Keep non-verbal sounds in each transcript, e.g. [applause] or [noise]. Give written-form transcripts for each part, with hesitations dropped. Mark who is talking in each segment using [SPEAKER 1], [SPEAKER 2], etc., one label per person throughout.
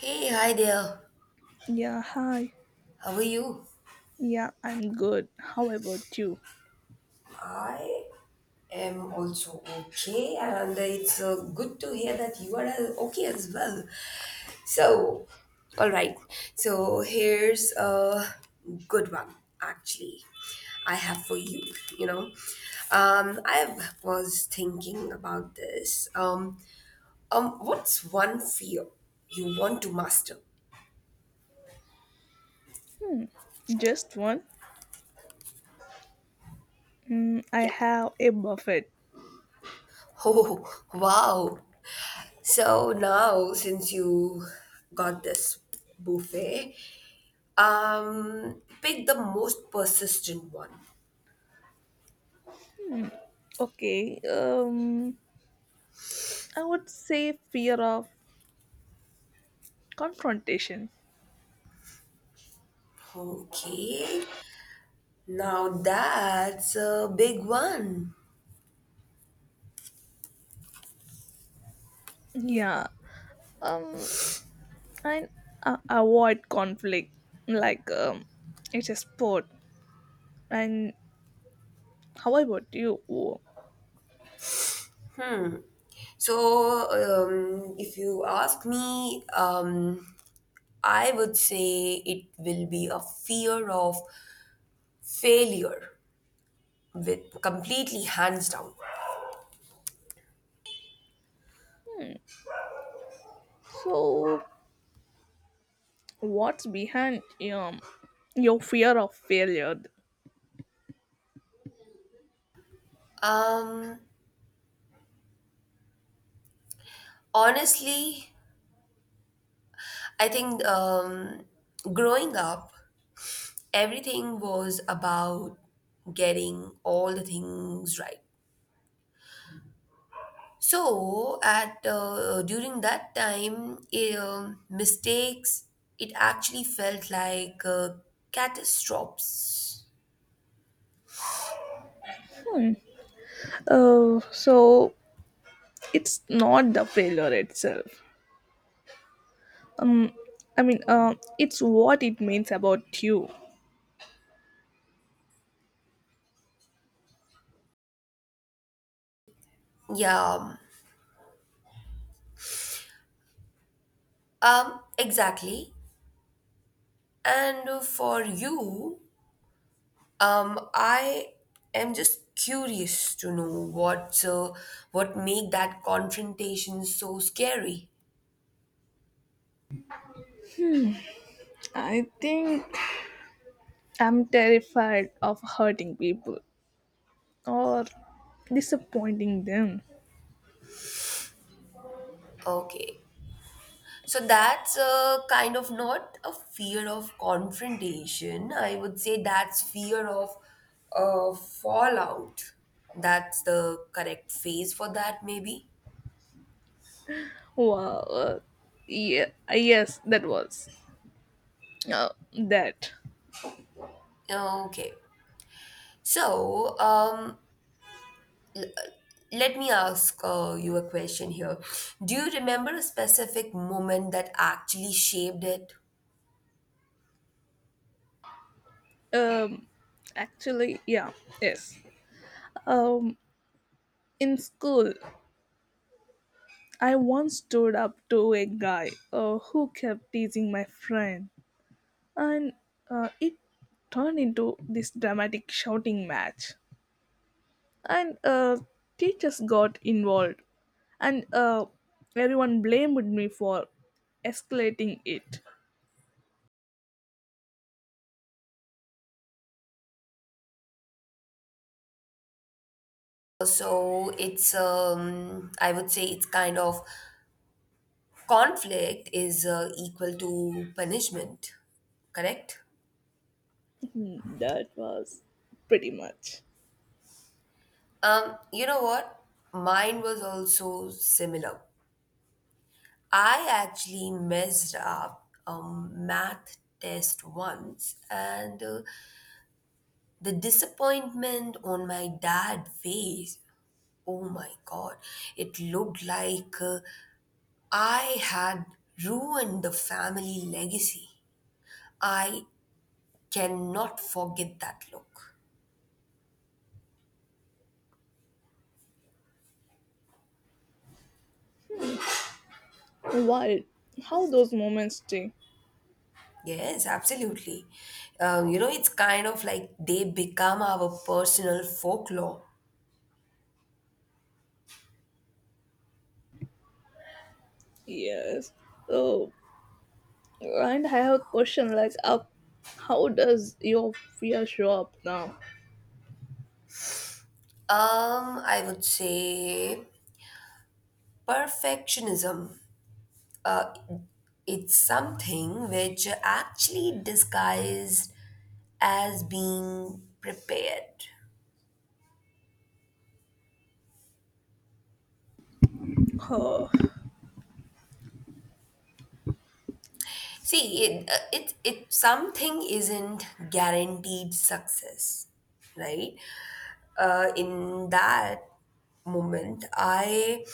[SPEAKER 1] Hey, hi there.
[SPEAKER 2] Yeah, hi.
[SPEAKER 1] How are you?
[SPEAKER 2] Yeah, I'm good. How about you?
[SPEAKER 1] I am also okay, and it's good to hear that you are okay as well. So, all right. So, here's a good one, actually. I have for you, you know. I was thinking about this. What's one fear you want to master?
[SPEAKER 2] Just one? Mm, I
[SPEAKER 1] Yeah. [laughs]
[SPEAKER 2] have a buffet.
[SPEAKER 1] Oh, wow. So now, since you got this buffet, pick the most persistent one.
[SPEAKER 2] Okay, um, I would say fear of confrontation.
[SPEAKER 1] Okay, now that's a big one.
[SPEAKER 2] Yeah, um, and avoid conflict. Like, um, it's a sport. And how about you?
[SPEAKER 1] So, if you ask me, I would say it will be a fear of failure, with completely hands down.
[SPEAKER 2] So, what's behind um, your fear of failure?
[SPEAKER 1] Um, honestly, I think growing up everything was about getting all the things right. So at during that time, mistakes it actually felt like catastrophes.
[SPEAKER 2] Hmm. Oh, so it's not the failure itself. Mm, I mean, it's what it means about you.
[SPEAKER 1] Yeah, exactly. And for you, I am just curious to know what make that confrontation so scary.
[SPEAKER 2] I think I'm terrified of hurting people or disappointing them.
[SPEAKER 1] Okay, so that's a kind of not a fear of confrontation. I would say that's fear of fallout. That's the correct phrase for that, maybe.
[SPEAKER 2] Wow. Yeah. Yes, that was uh, that.
[SPEAKER 1] Okay. So let me ask you a question here. Do you remember a specific moment that actually shaped it?
[SPEAKER 2] Um, actually, yeah. Yes. Um, in school, I once stood up to a guy who kept teasing my friend and it turned into this dramatic shouting match. And teachers got involved, and everyone blamed me for escalating it. [laughs]
[SPEAKER 1] So it's I would say it's kind of conflict is equal to punishment, correct?
[SPEAKER 2] That was pretty much
[SPEAKER 1] You know what? Mine was also similar. I actually messed up a math test once, and the disappointment on my dad's face, oh my god, it looked like I had ruined the family legacy. I cannot forget that look.
[SPEAKER 2] wild. How those moments stay.
[SPEAKER 1] Yes, absolutely. You know, it's kind of like they become our personal folklore.
[SPEAKER 2] Yes. So, and I have a question like, how does your fear show up now?
[SPEAKER 1] I would say perfectionism. Uh, it's something which actually disguised as being prepared.
[SPEAKER 2] [sighs] Oh,
[SPEAKER 1] See, it something isn't guaranteed success, right? In that moment, I,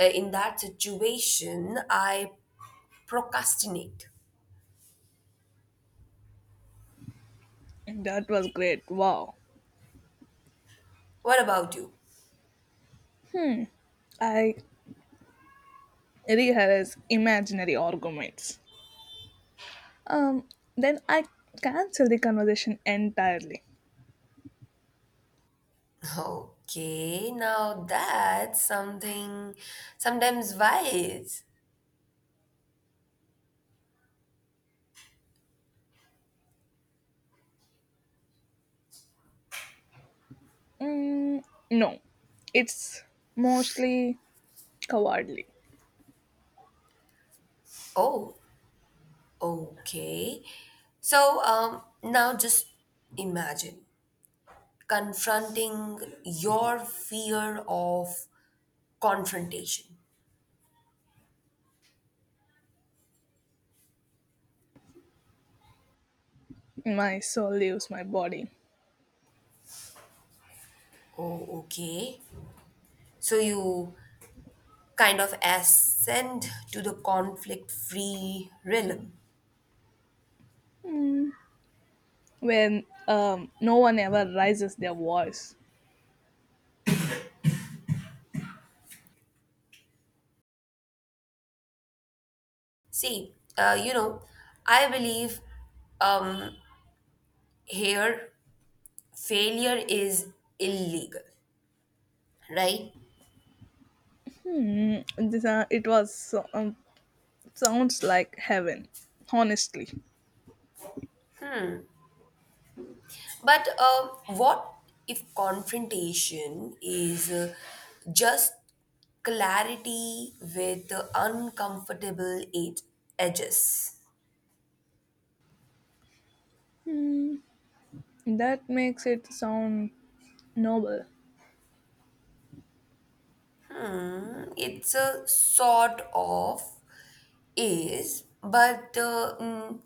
[SPEAKER 1] uh, in that situation, I procrastinate.
[SPEAKER 2] that was great. Wow.
[SPEAKER 1] What about you?
[SPEAKER 2] I rehearse imaginary arguments. Um, then I cancel the conversation entirely.
[SPEAKER 1] Okay, now that's something sometimes wise.
[SPEAKER 2] Mm, no, it's mostly cowardly.
[SPEAKER 1] Oh, okay. So now just imagine confronting your fear of confrontation.
[SPEAKER 2] My soul leaves my body
[SPEAKER 1] Oh, okay. So you kind of ascend to the conflict free realm.
[SPEAKER 2] when no one ever raises their voice.
[SPEAKER 1] See, you know, I believe um, here failure is illegal, right?
[SPEAKER 2] Mm, this sounds like heaven, honestly.
[SPEAKER 1] But what if confrontation is just clarity with uncomfortable edges?
[SPEAKER 2] That makes it sound noble.
[SPEAKER 1] It's a sort of is, but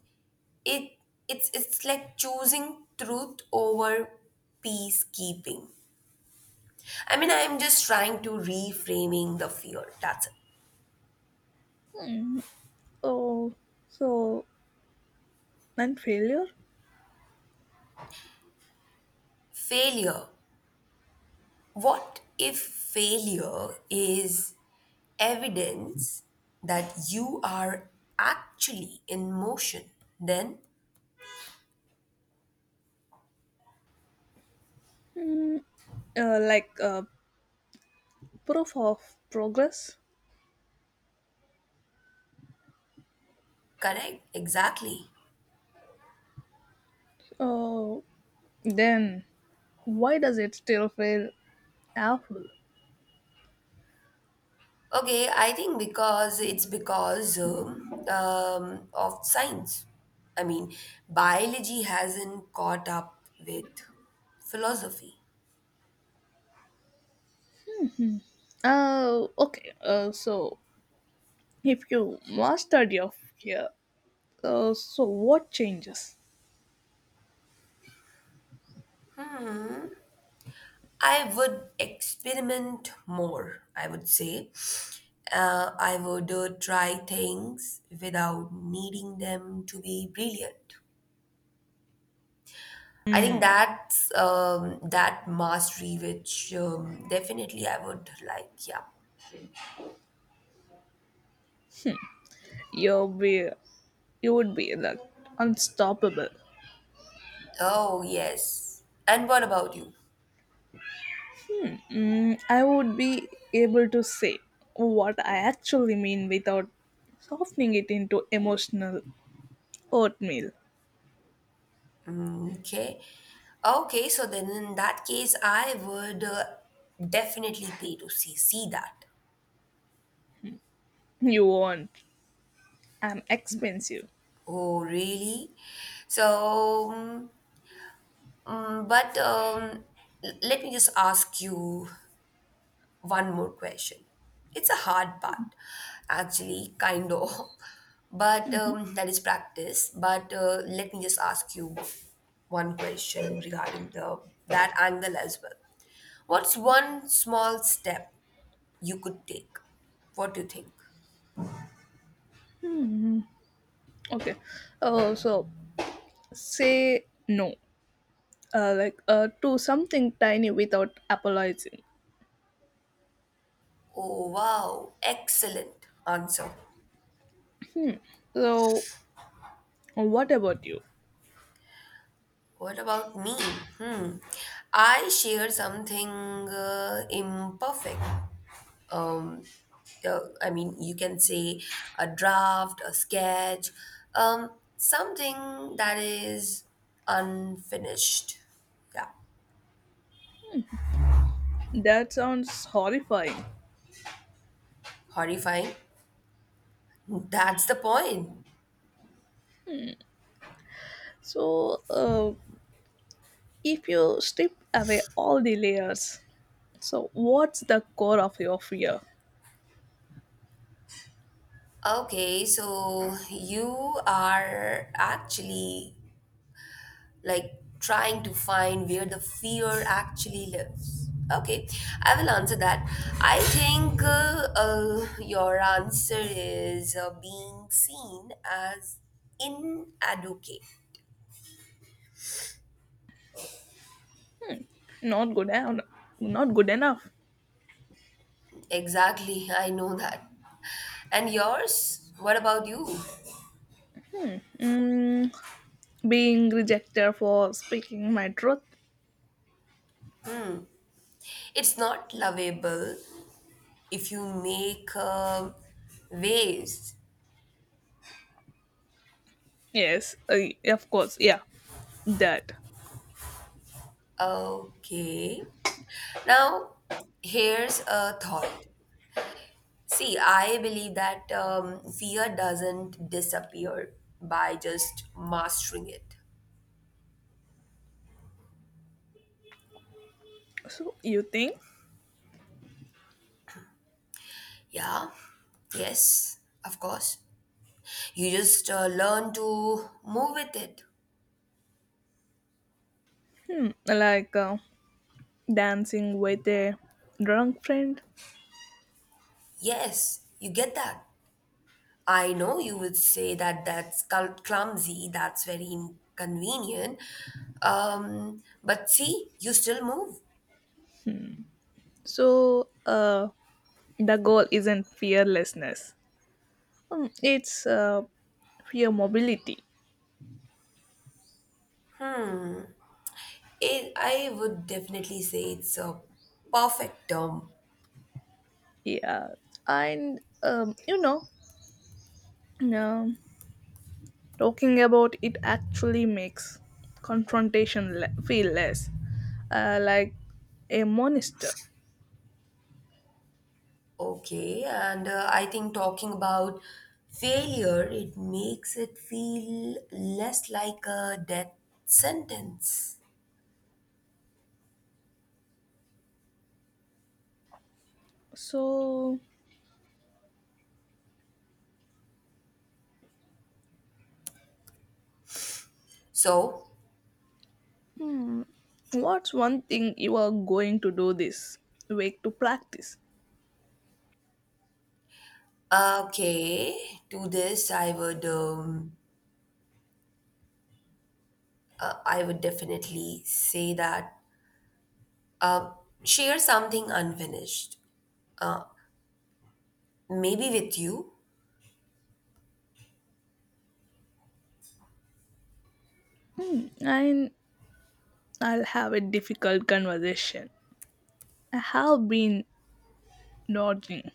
[SPEAKER 1] it it's like choosing truth over peacekeeping. I mean, I'm just trying to reframing the fear. That's it.
[SPEAKER 2] Oh, so and failure?
[SPEAKER 1] Failure, what if failure is evidence that you are actually in motion? Then,
[SPEAKER 2] Mm, uh, like uh, proof of progress?
[SPEAKER 1] correct, exactly.
[SPEAKER 2] Oh, then why does it still feel awful?
[SPEAKER 1] Okay, I think because it's because of science. I mean, biology hasn't caught up with philosophy.
[SPEAKER 2] Oh, okay. So if you mastered your fear, so what changes?
[SPEAKER 1] I would experiment more, I would say. I would try things without needing them to be brilliant. I think that's that mastery, which definitely I would like. Yeah.
[SPEAKER 2] You'll be, you would be like unstoppable.
[SPEAKER 1] Oh, yes. And what about you?
[SPEAKER 2] Mm, I would be able to say what I actually mean without softening it into emotional oatmeal.
[SPEAKER 1] Mm, okay. Okay, so then in that case, I would definitely pay to see that.
[SPEAKER 2] You want? I'm expensive.
[SPEAKER 1] Oh, really? So, but let me just ask you one more question. It's a hard part, actually, kind of. [laughs] But that is practice. But let me just ask you one question regarding the that angle as well. What's
[SPEAKER 2] Okay.
[SPEAKER 1] one small step you could take? What do you think?
[SPEAKER 2] Okay. Oh, so say no to something tiny without apologizing.
[SPEAKER 1] Oh, wow. Excellent answer.
[SPEAKER 2] So what about you?
[SPEAKER 1] What about me? Hmm. I share something imperfect. um, I mean, you can say a draft, a sketch, something that is unfinished. Yeah,
[SPEAKER 2] That sounds horrifying.
[SPEAKER 1] horrifying. That's the point.
[SPEAKER 2] So if you strip away all the layers, so what's the core of your fear?
[SPEAKER 1] Okay, so you are actually like trying to find where the fear actually lives. Okay, I will answer that. I think your answer is being seen as inadequate.
[SPEAKER 2] Not good enough. Not good enough.
[SPEAKER 1] Exactly, I know that. And yours? What about you?
[SPEAKER 2] mm, being rejected for speaking my truth.
[SPEAKER 1] It's not lovable if you make waves.
[SPEAKER 2] Yes, of course, yeah, that.
[SPEAKER 1] Okay. Now, here's a thought. See, I believe that fear doesn't disappear by just mastering it.
[SPEAKER 2] So you think,
[SPEAKER 1] Yeah, yes, of course. You just learn to move with it.
[SPEAKER 2] hmm, dancing with a drunk friend.
[SPEAKER 1] Yes, you get that. I know you would say that that's clumsy, that's very inconvenient. But see, you still move.
[SPEAKER 2] So the goal isn't fearlessness; it's fear mobility.
[SPEAKER 1] It, I would definitely say it's a perfect term.
[SPEAKER 2] Yeah, and um, you know, um, talking about it actually makes confrontation feel less like a monster.
[SPEAKER 1] Okay, and I think talking about failure, it makes it feel less like a death sentence.
[SPEAKER 2] So,
[SPEAKER 1] So,
[SPEAKER 2] hmm, what's one thing you are going to do this week to practice?
[SPEAKER 1] okay, to this I would definitely say that uh, share something unfinished. Uh, maybe with you.
[SPEAKER 2] And I'll have a difficult conversation. I have been nodding,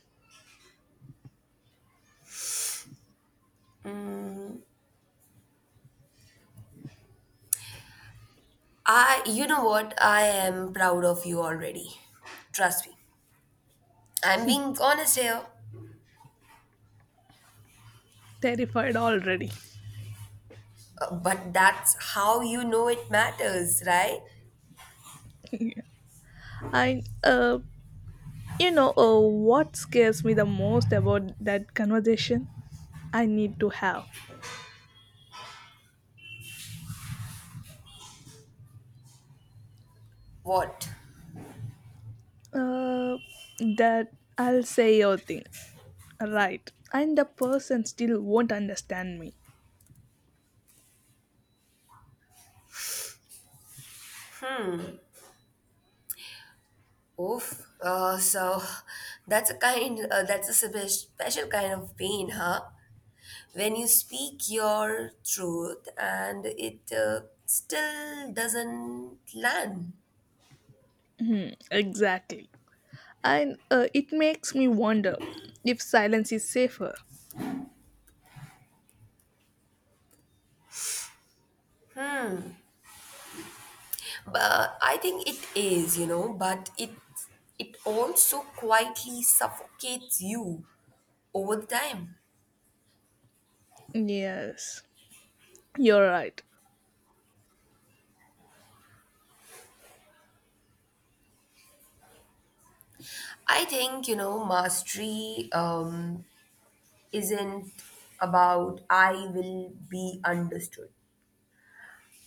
[SPEAKER 1] You know what? I am proud of you already. Trust me. I'm being honest here.
[SPEAKER 2] terrified already. [laughs]
[SPEAKER 1] But that's how you know it matters, right?
[SPEAKER 2] Yeah. I, uh, what scares me the most about that conversation I need to have?
[SPEAKER 1] What?
[SPEAKER 2] Uh, that I'll say your thing, right? And the person still won't understand me.
[SPEAKER 1] Oof. So that's a kind, that's a special kind of pain, huh? When you speak your truth and it still doesn't land.
[SPEAKER 2] Hmm, exactly. And it makes me wonder if silence is safer.
[SPEAKER 1] But I think it is, you know, but it also quietly suffocates you over the time.
[SPEAKER 2] Yes, you're right.
[SPEAKER 1] I think, you know, mastery isn't about I will be understood.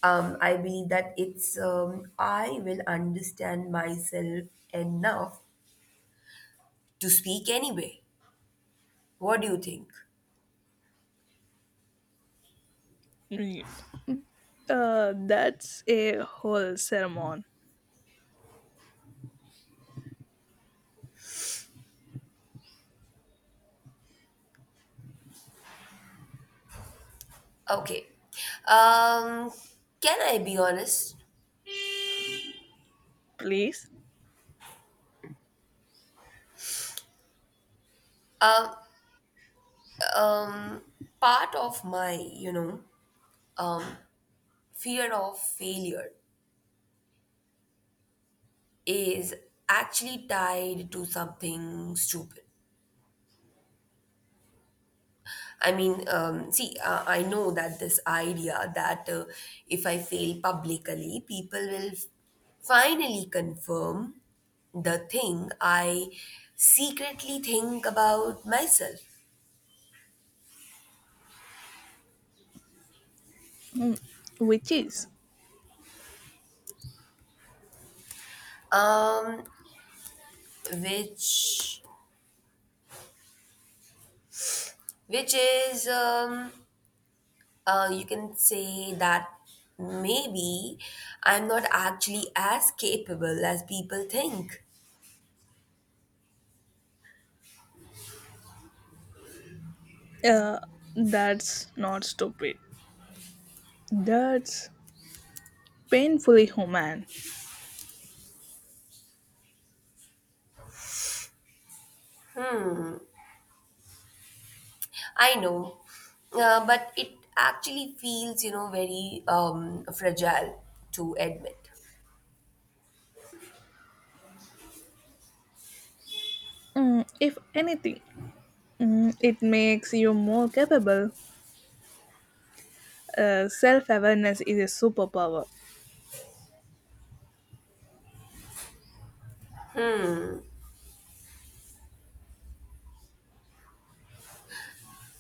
[SPEAKER 1] I believe that it's I will understand myself enough to speak anyway. What do you think?
[SPEAKER 2] Mm. That's a whole sermon,
[SPEAKER 1] Okay. Um, can I be honest?
[SPEAKER 2] please.
[SPEAKER 1] Um, um, part of my, you know, um, fear of failure is actually tied to something stupid. I mean, see, I know that this idea that if I fail publicly, people will finally confirm the thing I secretly think about myself,
[SPEAKER 2] Mm, which is,
[SPEAKER 1] um, which which is you can say that maybe I'm not actually as capable as people think.
[SPEAKER 2] uh, that's not stupid. That's painfully human.
[SPEAKER 1] I know, but it actually feels, you know, very fragile to admit.
[SPEAKER 2] Mm, if anything, mm, it makes you more capable. Self awareness is a superpower.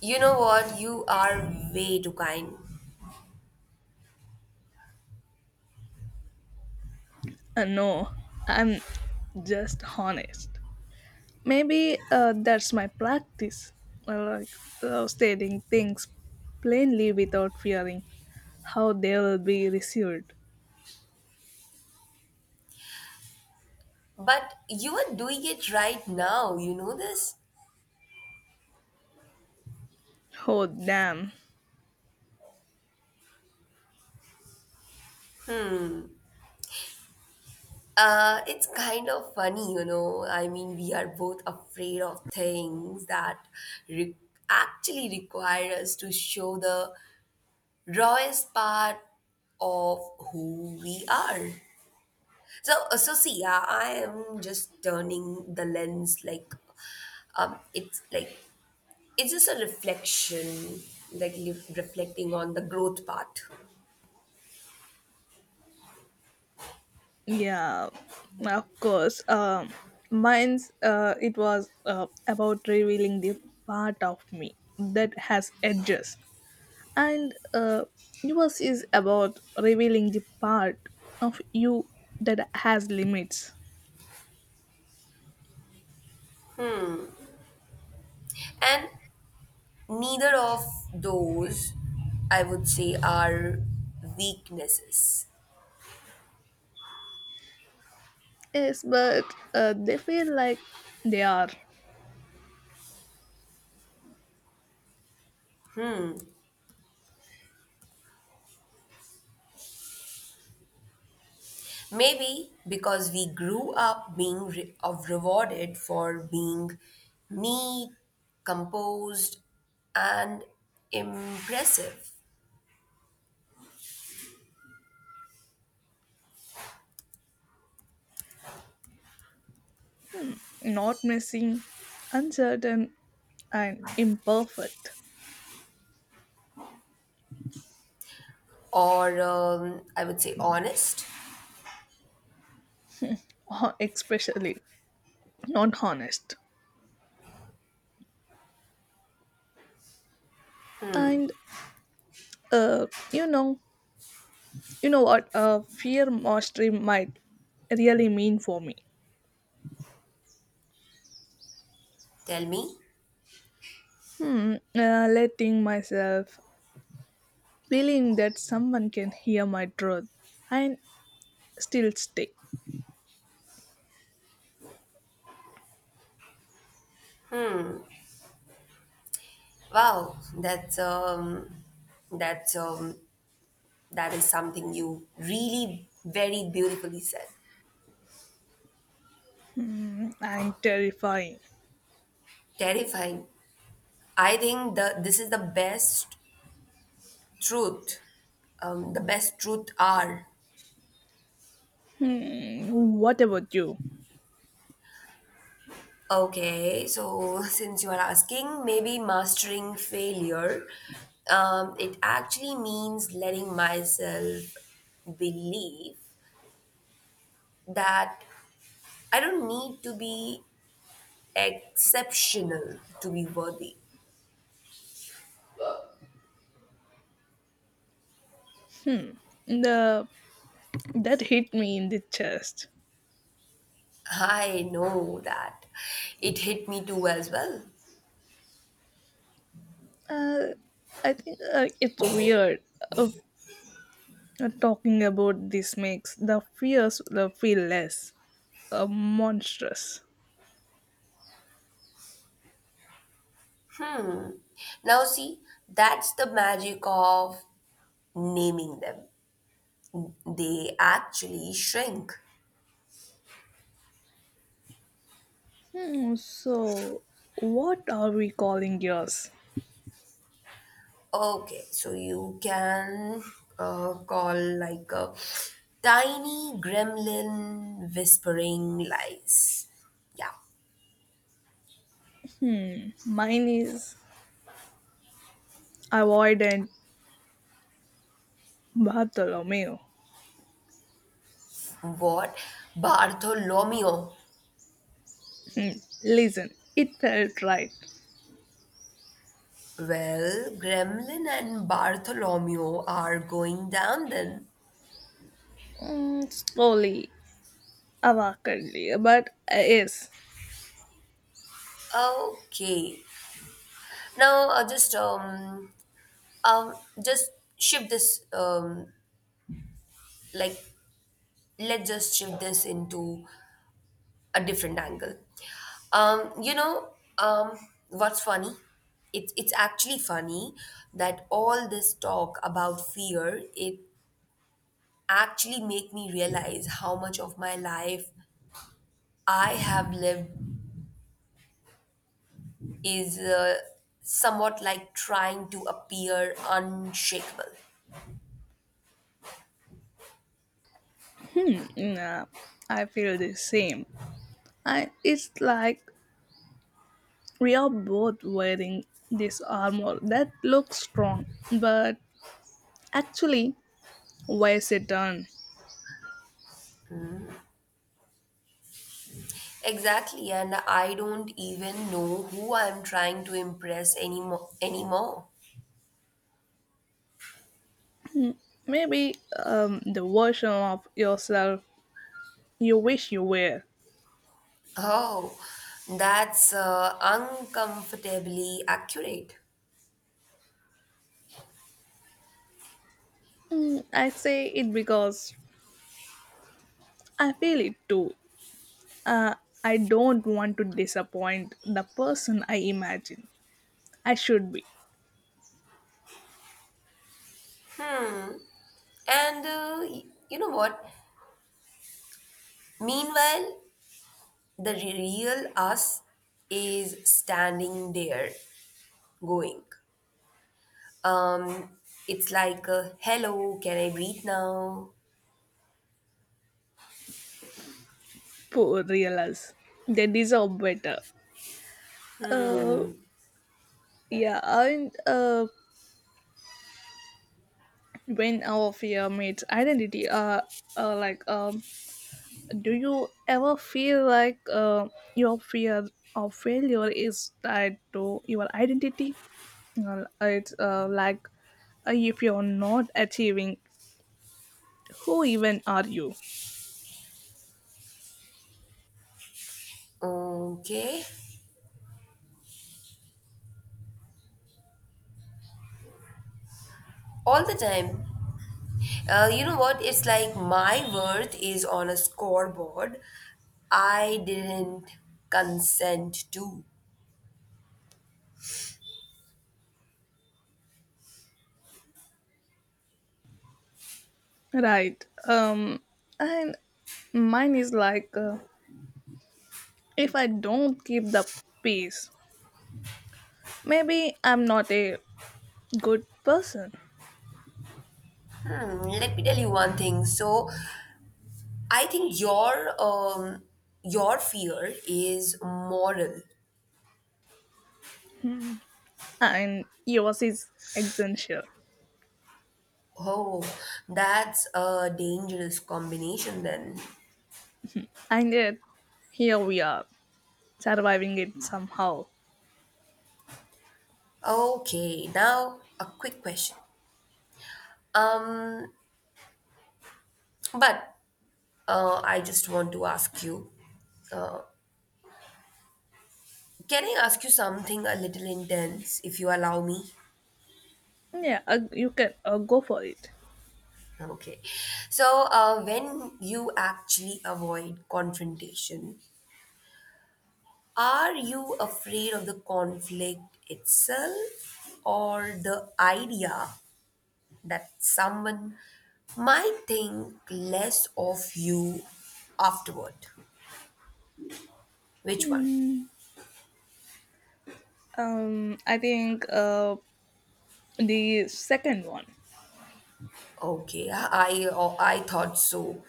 [SPEAKER 1] You know what? You are way too kind.
[SPEAKER 2] No, I'm just honest. Maybe that's my practice. I like stating things plainly without fearing how they'll be received.
[SPEAKER 1] But you are doing it right now, you know this?
[SPEAKER 2] Oh damn.
[SPEAKER 1] It's kind of funny, you know. I mean, we are both afraid of things that re- actually require us to show the rawest part of who we are. So, so see, yeah, I am just turning the lens like, it's like it's just a reflection, like reflecting on the growth part,
[SPEAKER 2] Yeah, of course. Um mine's it was about revealing the part of me that has edges, and yours is about revealing the part of you that has limits.
[SPEAKER 1] and neither of those, I would say, are weaknesses.
[SPEAKER 2] Yes, but they feel like they are
[SPEAKER 1] Maybe because we grew up being re- of rewarded for being neat, composed, and impressive
[SPEAKER 2] not messy, uncertain, and imperfect,
[SPEAKER 1] or I would say honest,
[SPEAKER 2] or especially not honest. And uh, you know, you know what fear mastery might really mean for me.
[SPEAKER 1] tell me,
[SPEAKER 2] Hmm, letting myself feeling that someone can hear my truth and still stay.
[SPEAKER 1] wow, that's that's um, that is something you really very beautifully said.
[SPEAKER 2] And terrifying.
[SPEAKER 1] Terrifying. I think the this is the best truth. The best truth are
[SPEAKER 2] Hmm, what about you?
[SPEAKER 1] okay. So [laughs] since you are asking, maybe mastering failure. It actually means letting myself believe that I don't need to be exceptional to be worthy.
[SPEAKER 2] The that hit me in the chest.
[SPEAKER 1] I know that. It hit me too as well.
[SPEAKER 2] Uh, I think it's weird. Uh, talking about this makes the fears feel less monstrous.
[SPEAKER 1] Now, see, that's the magic of naming them. They actually shrink.
[SPEAKER 2] Hmm, so, what are we calling yours?
[SPEAKER 1] Okay, so you can call like a tiny gremlin whispering lies. Yeah.
[SPEAKER 2] Hmm, mine is avoidant Bartholomew.
[SPEAKER 1] What? Bartholomew.
[SPEAKER 2] Hmm, listen, it felt right.
[SPEAKER 1] Well, Gremlin and Bartholomew are going down then.
[SPEAKER 2] Mm, slowly, awkwardly, but yes.
[SPEAKER 1] Okay. Now, um, just shift this like let's just shift this into a different angle. You know, what's funny? It's actually funny that all this talk about fear it actually make me realize how much of my life I have lived is somewhat like trying to appear unshakable.
[SPEAKER 2] Mm, I feel the same. And it's like we are both wearing this armor that looks strong, but actually weighs a ton.
[SPEAKER 1] Exactly, and I don't even know who I'm trying to impress anymore.
[SPEAKER 2] Maybe the version of yourself you wish you were.
[SPEAKER 1] Oh, that's uncomfortably accurate.
[SPEAKER 2] Mm, I say it because I feel it too. Uh, I don't want to disappoint the person I imagine I should be.
[SPEAKER 1] And you know what? Meanwhile, the real us is standing there going. Um, it's like, hello, can I breathe now?
[SPEAKER 2] Poor realize they deserve better. Uh, yeah, and when our fear meets identity, uh like um, do you ever feel like your fear of failure is tied to your identity? Well, it's like if you're not achieving, who even are you?
[SPEAKER 1] Okay. All the time. You know what? It's like my worth is on a scoreboard I didn't consent to.
[SPEAKER 2] Right. And mine is like if I don't keep the peace, maybe I'm not a good person.
[SPEAKER 1] Hmm, let me tell you one thing. So, I think your fear is moral.
[SPEAKER 2] And yours is essential.
[SPEAKER 1] Oh, that's a dangerous combination then.
[SPEAKER 2] And yet, here we are, surviving it somehow.
[SPEAKER 1] Okay, now a quick question. Um, but I just want to ask you, uh, can I ask you something a little intense, if you allow me?
[SPEAKER 2] Yeah, you can go for it.
[SPEAKER 1] Okay. So, when you actually avoid confrontation, are you afraid of the conflict itself or the idea that someone might think less of you afterward? Which one?
[SPEAKER 2] Hmm. I think the second one.
[SPEAKER 1] Okay, I thought so.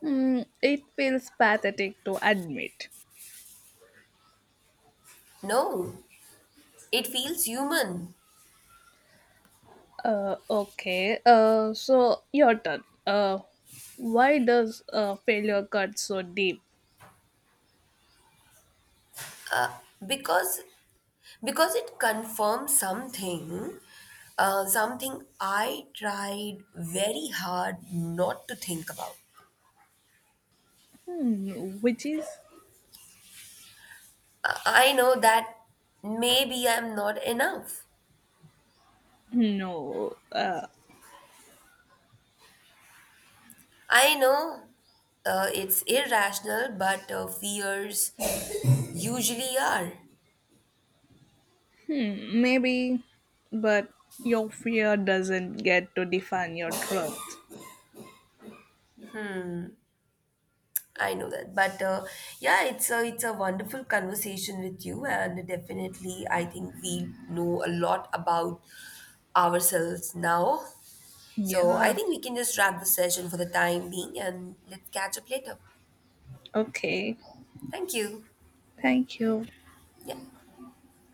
[SPEAKER 2] Mm, it feels pathetic to admit.
[SPEAKER 1] No, it feels human
[SPEAKER 2] Okay. So your turn. Why does failure cut so deep?
[SPEAKER 1] because because it confirms something something I tried very hard not to think about.
[SPEAKER 2] Hmm, which is
[SPEAKER 1] I know that maybe I'm not enough.
[SPEAKER 2] no.
[SPEAKER 1] I know, it's irrational but fears usually are.
[SPEAKER 2] Hmm, maybe, but your fear doesn't get to define your truth.
[SPEAKER 1] I know that but yeah it's a wonderful conversation with you and definitely I think we know a lot about ourselves now. So I
[SPEAKER 2] Yeah.
[SPEAKER 1] think we can just wrap the session for the time being and let's catch up later.
[SPEAKER 2] Okay.
[SPEAKER 1] Thank you.
[SPEAKER 2] Thank you.
[SPEAKER 1] Yeah.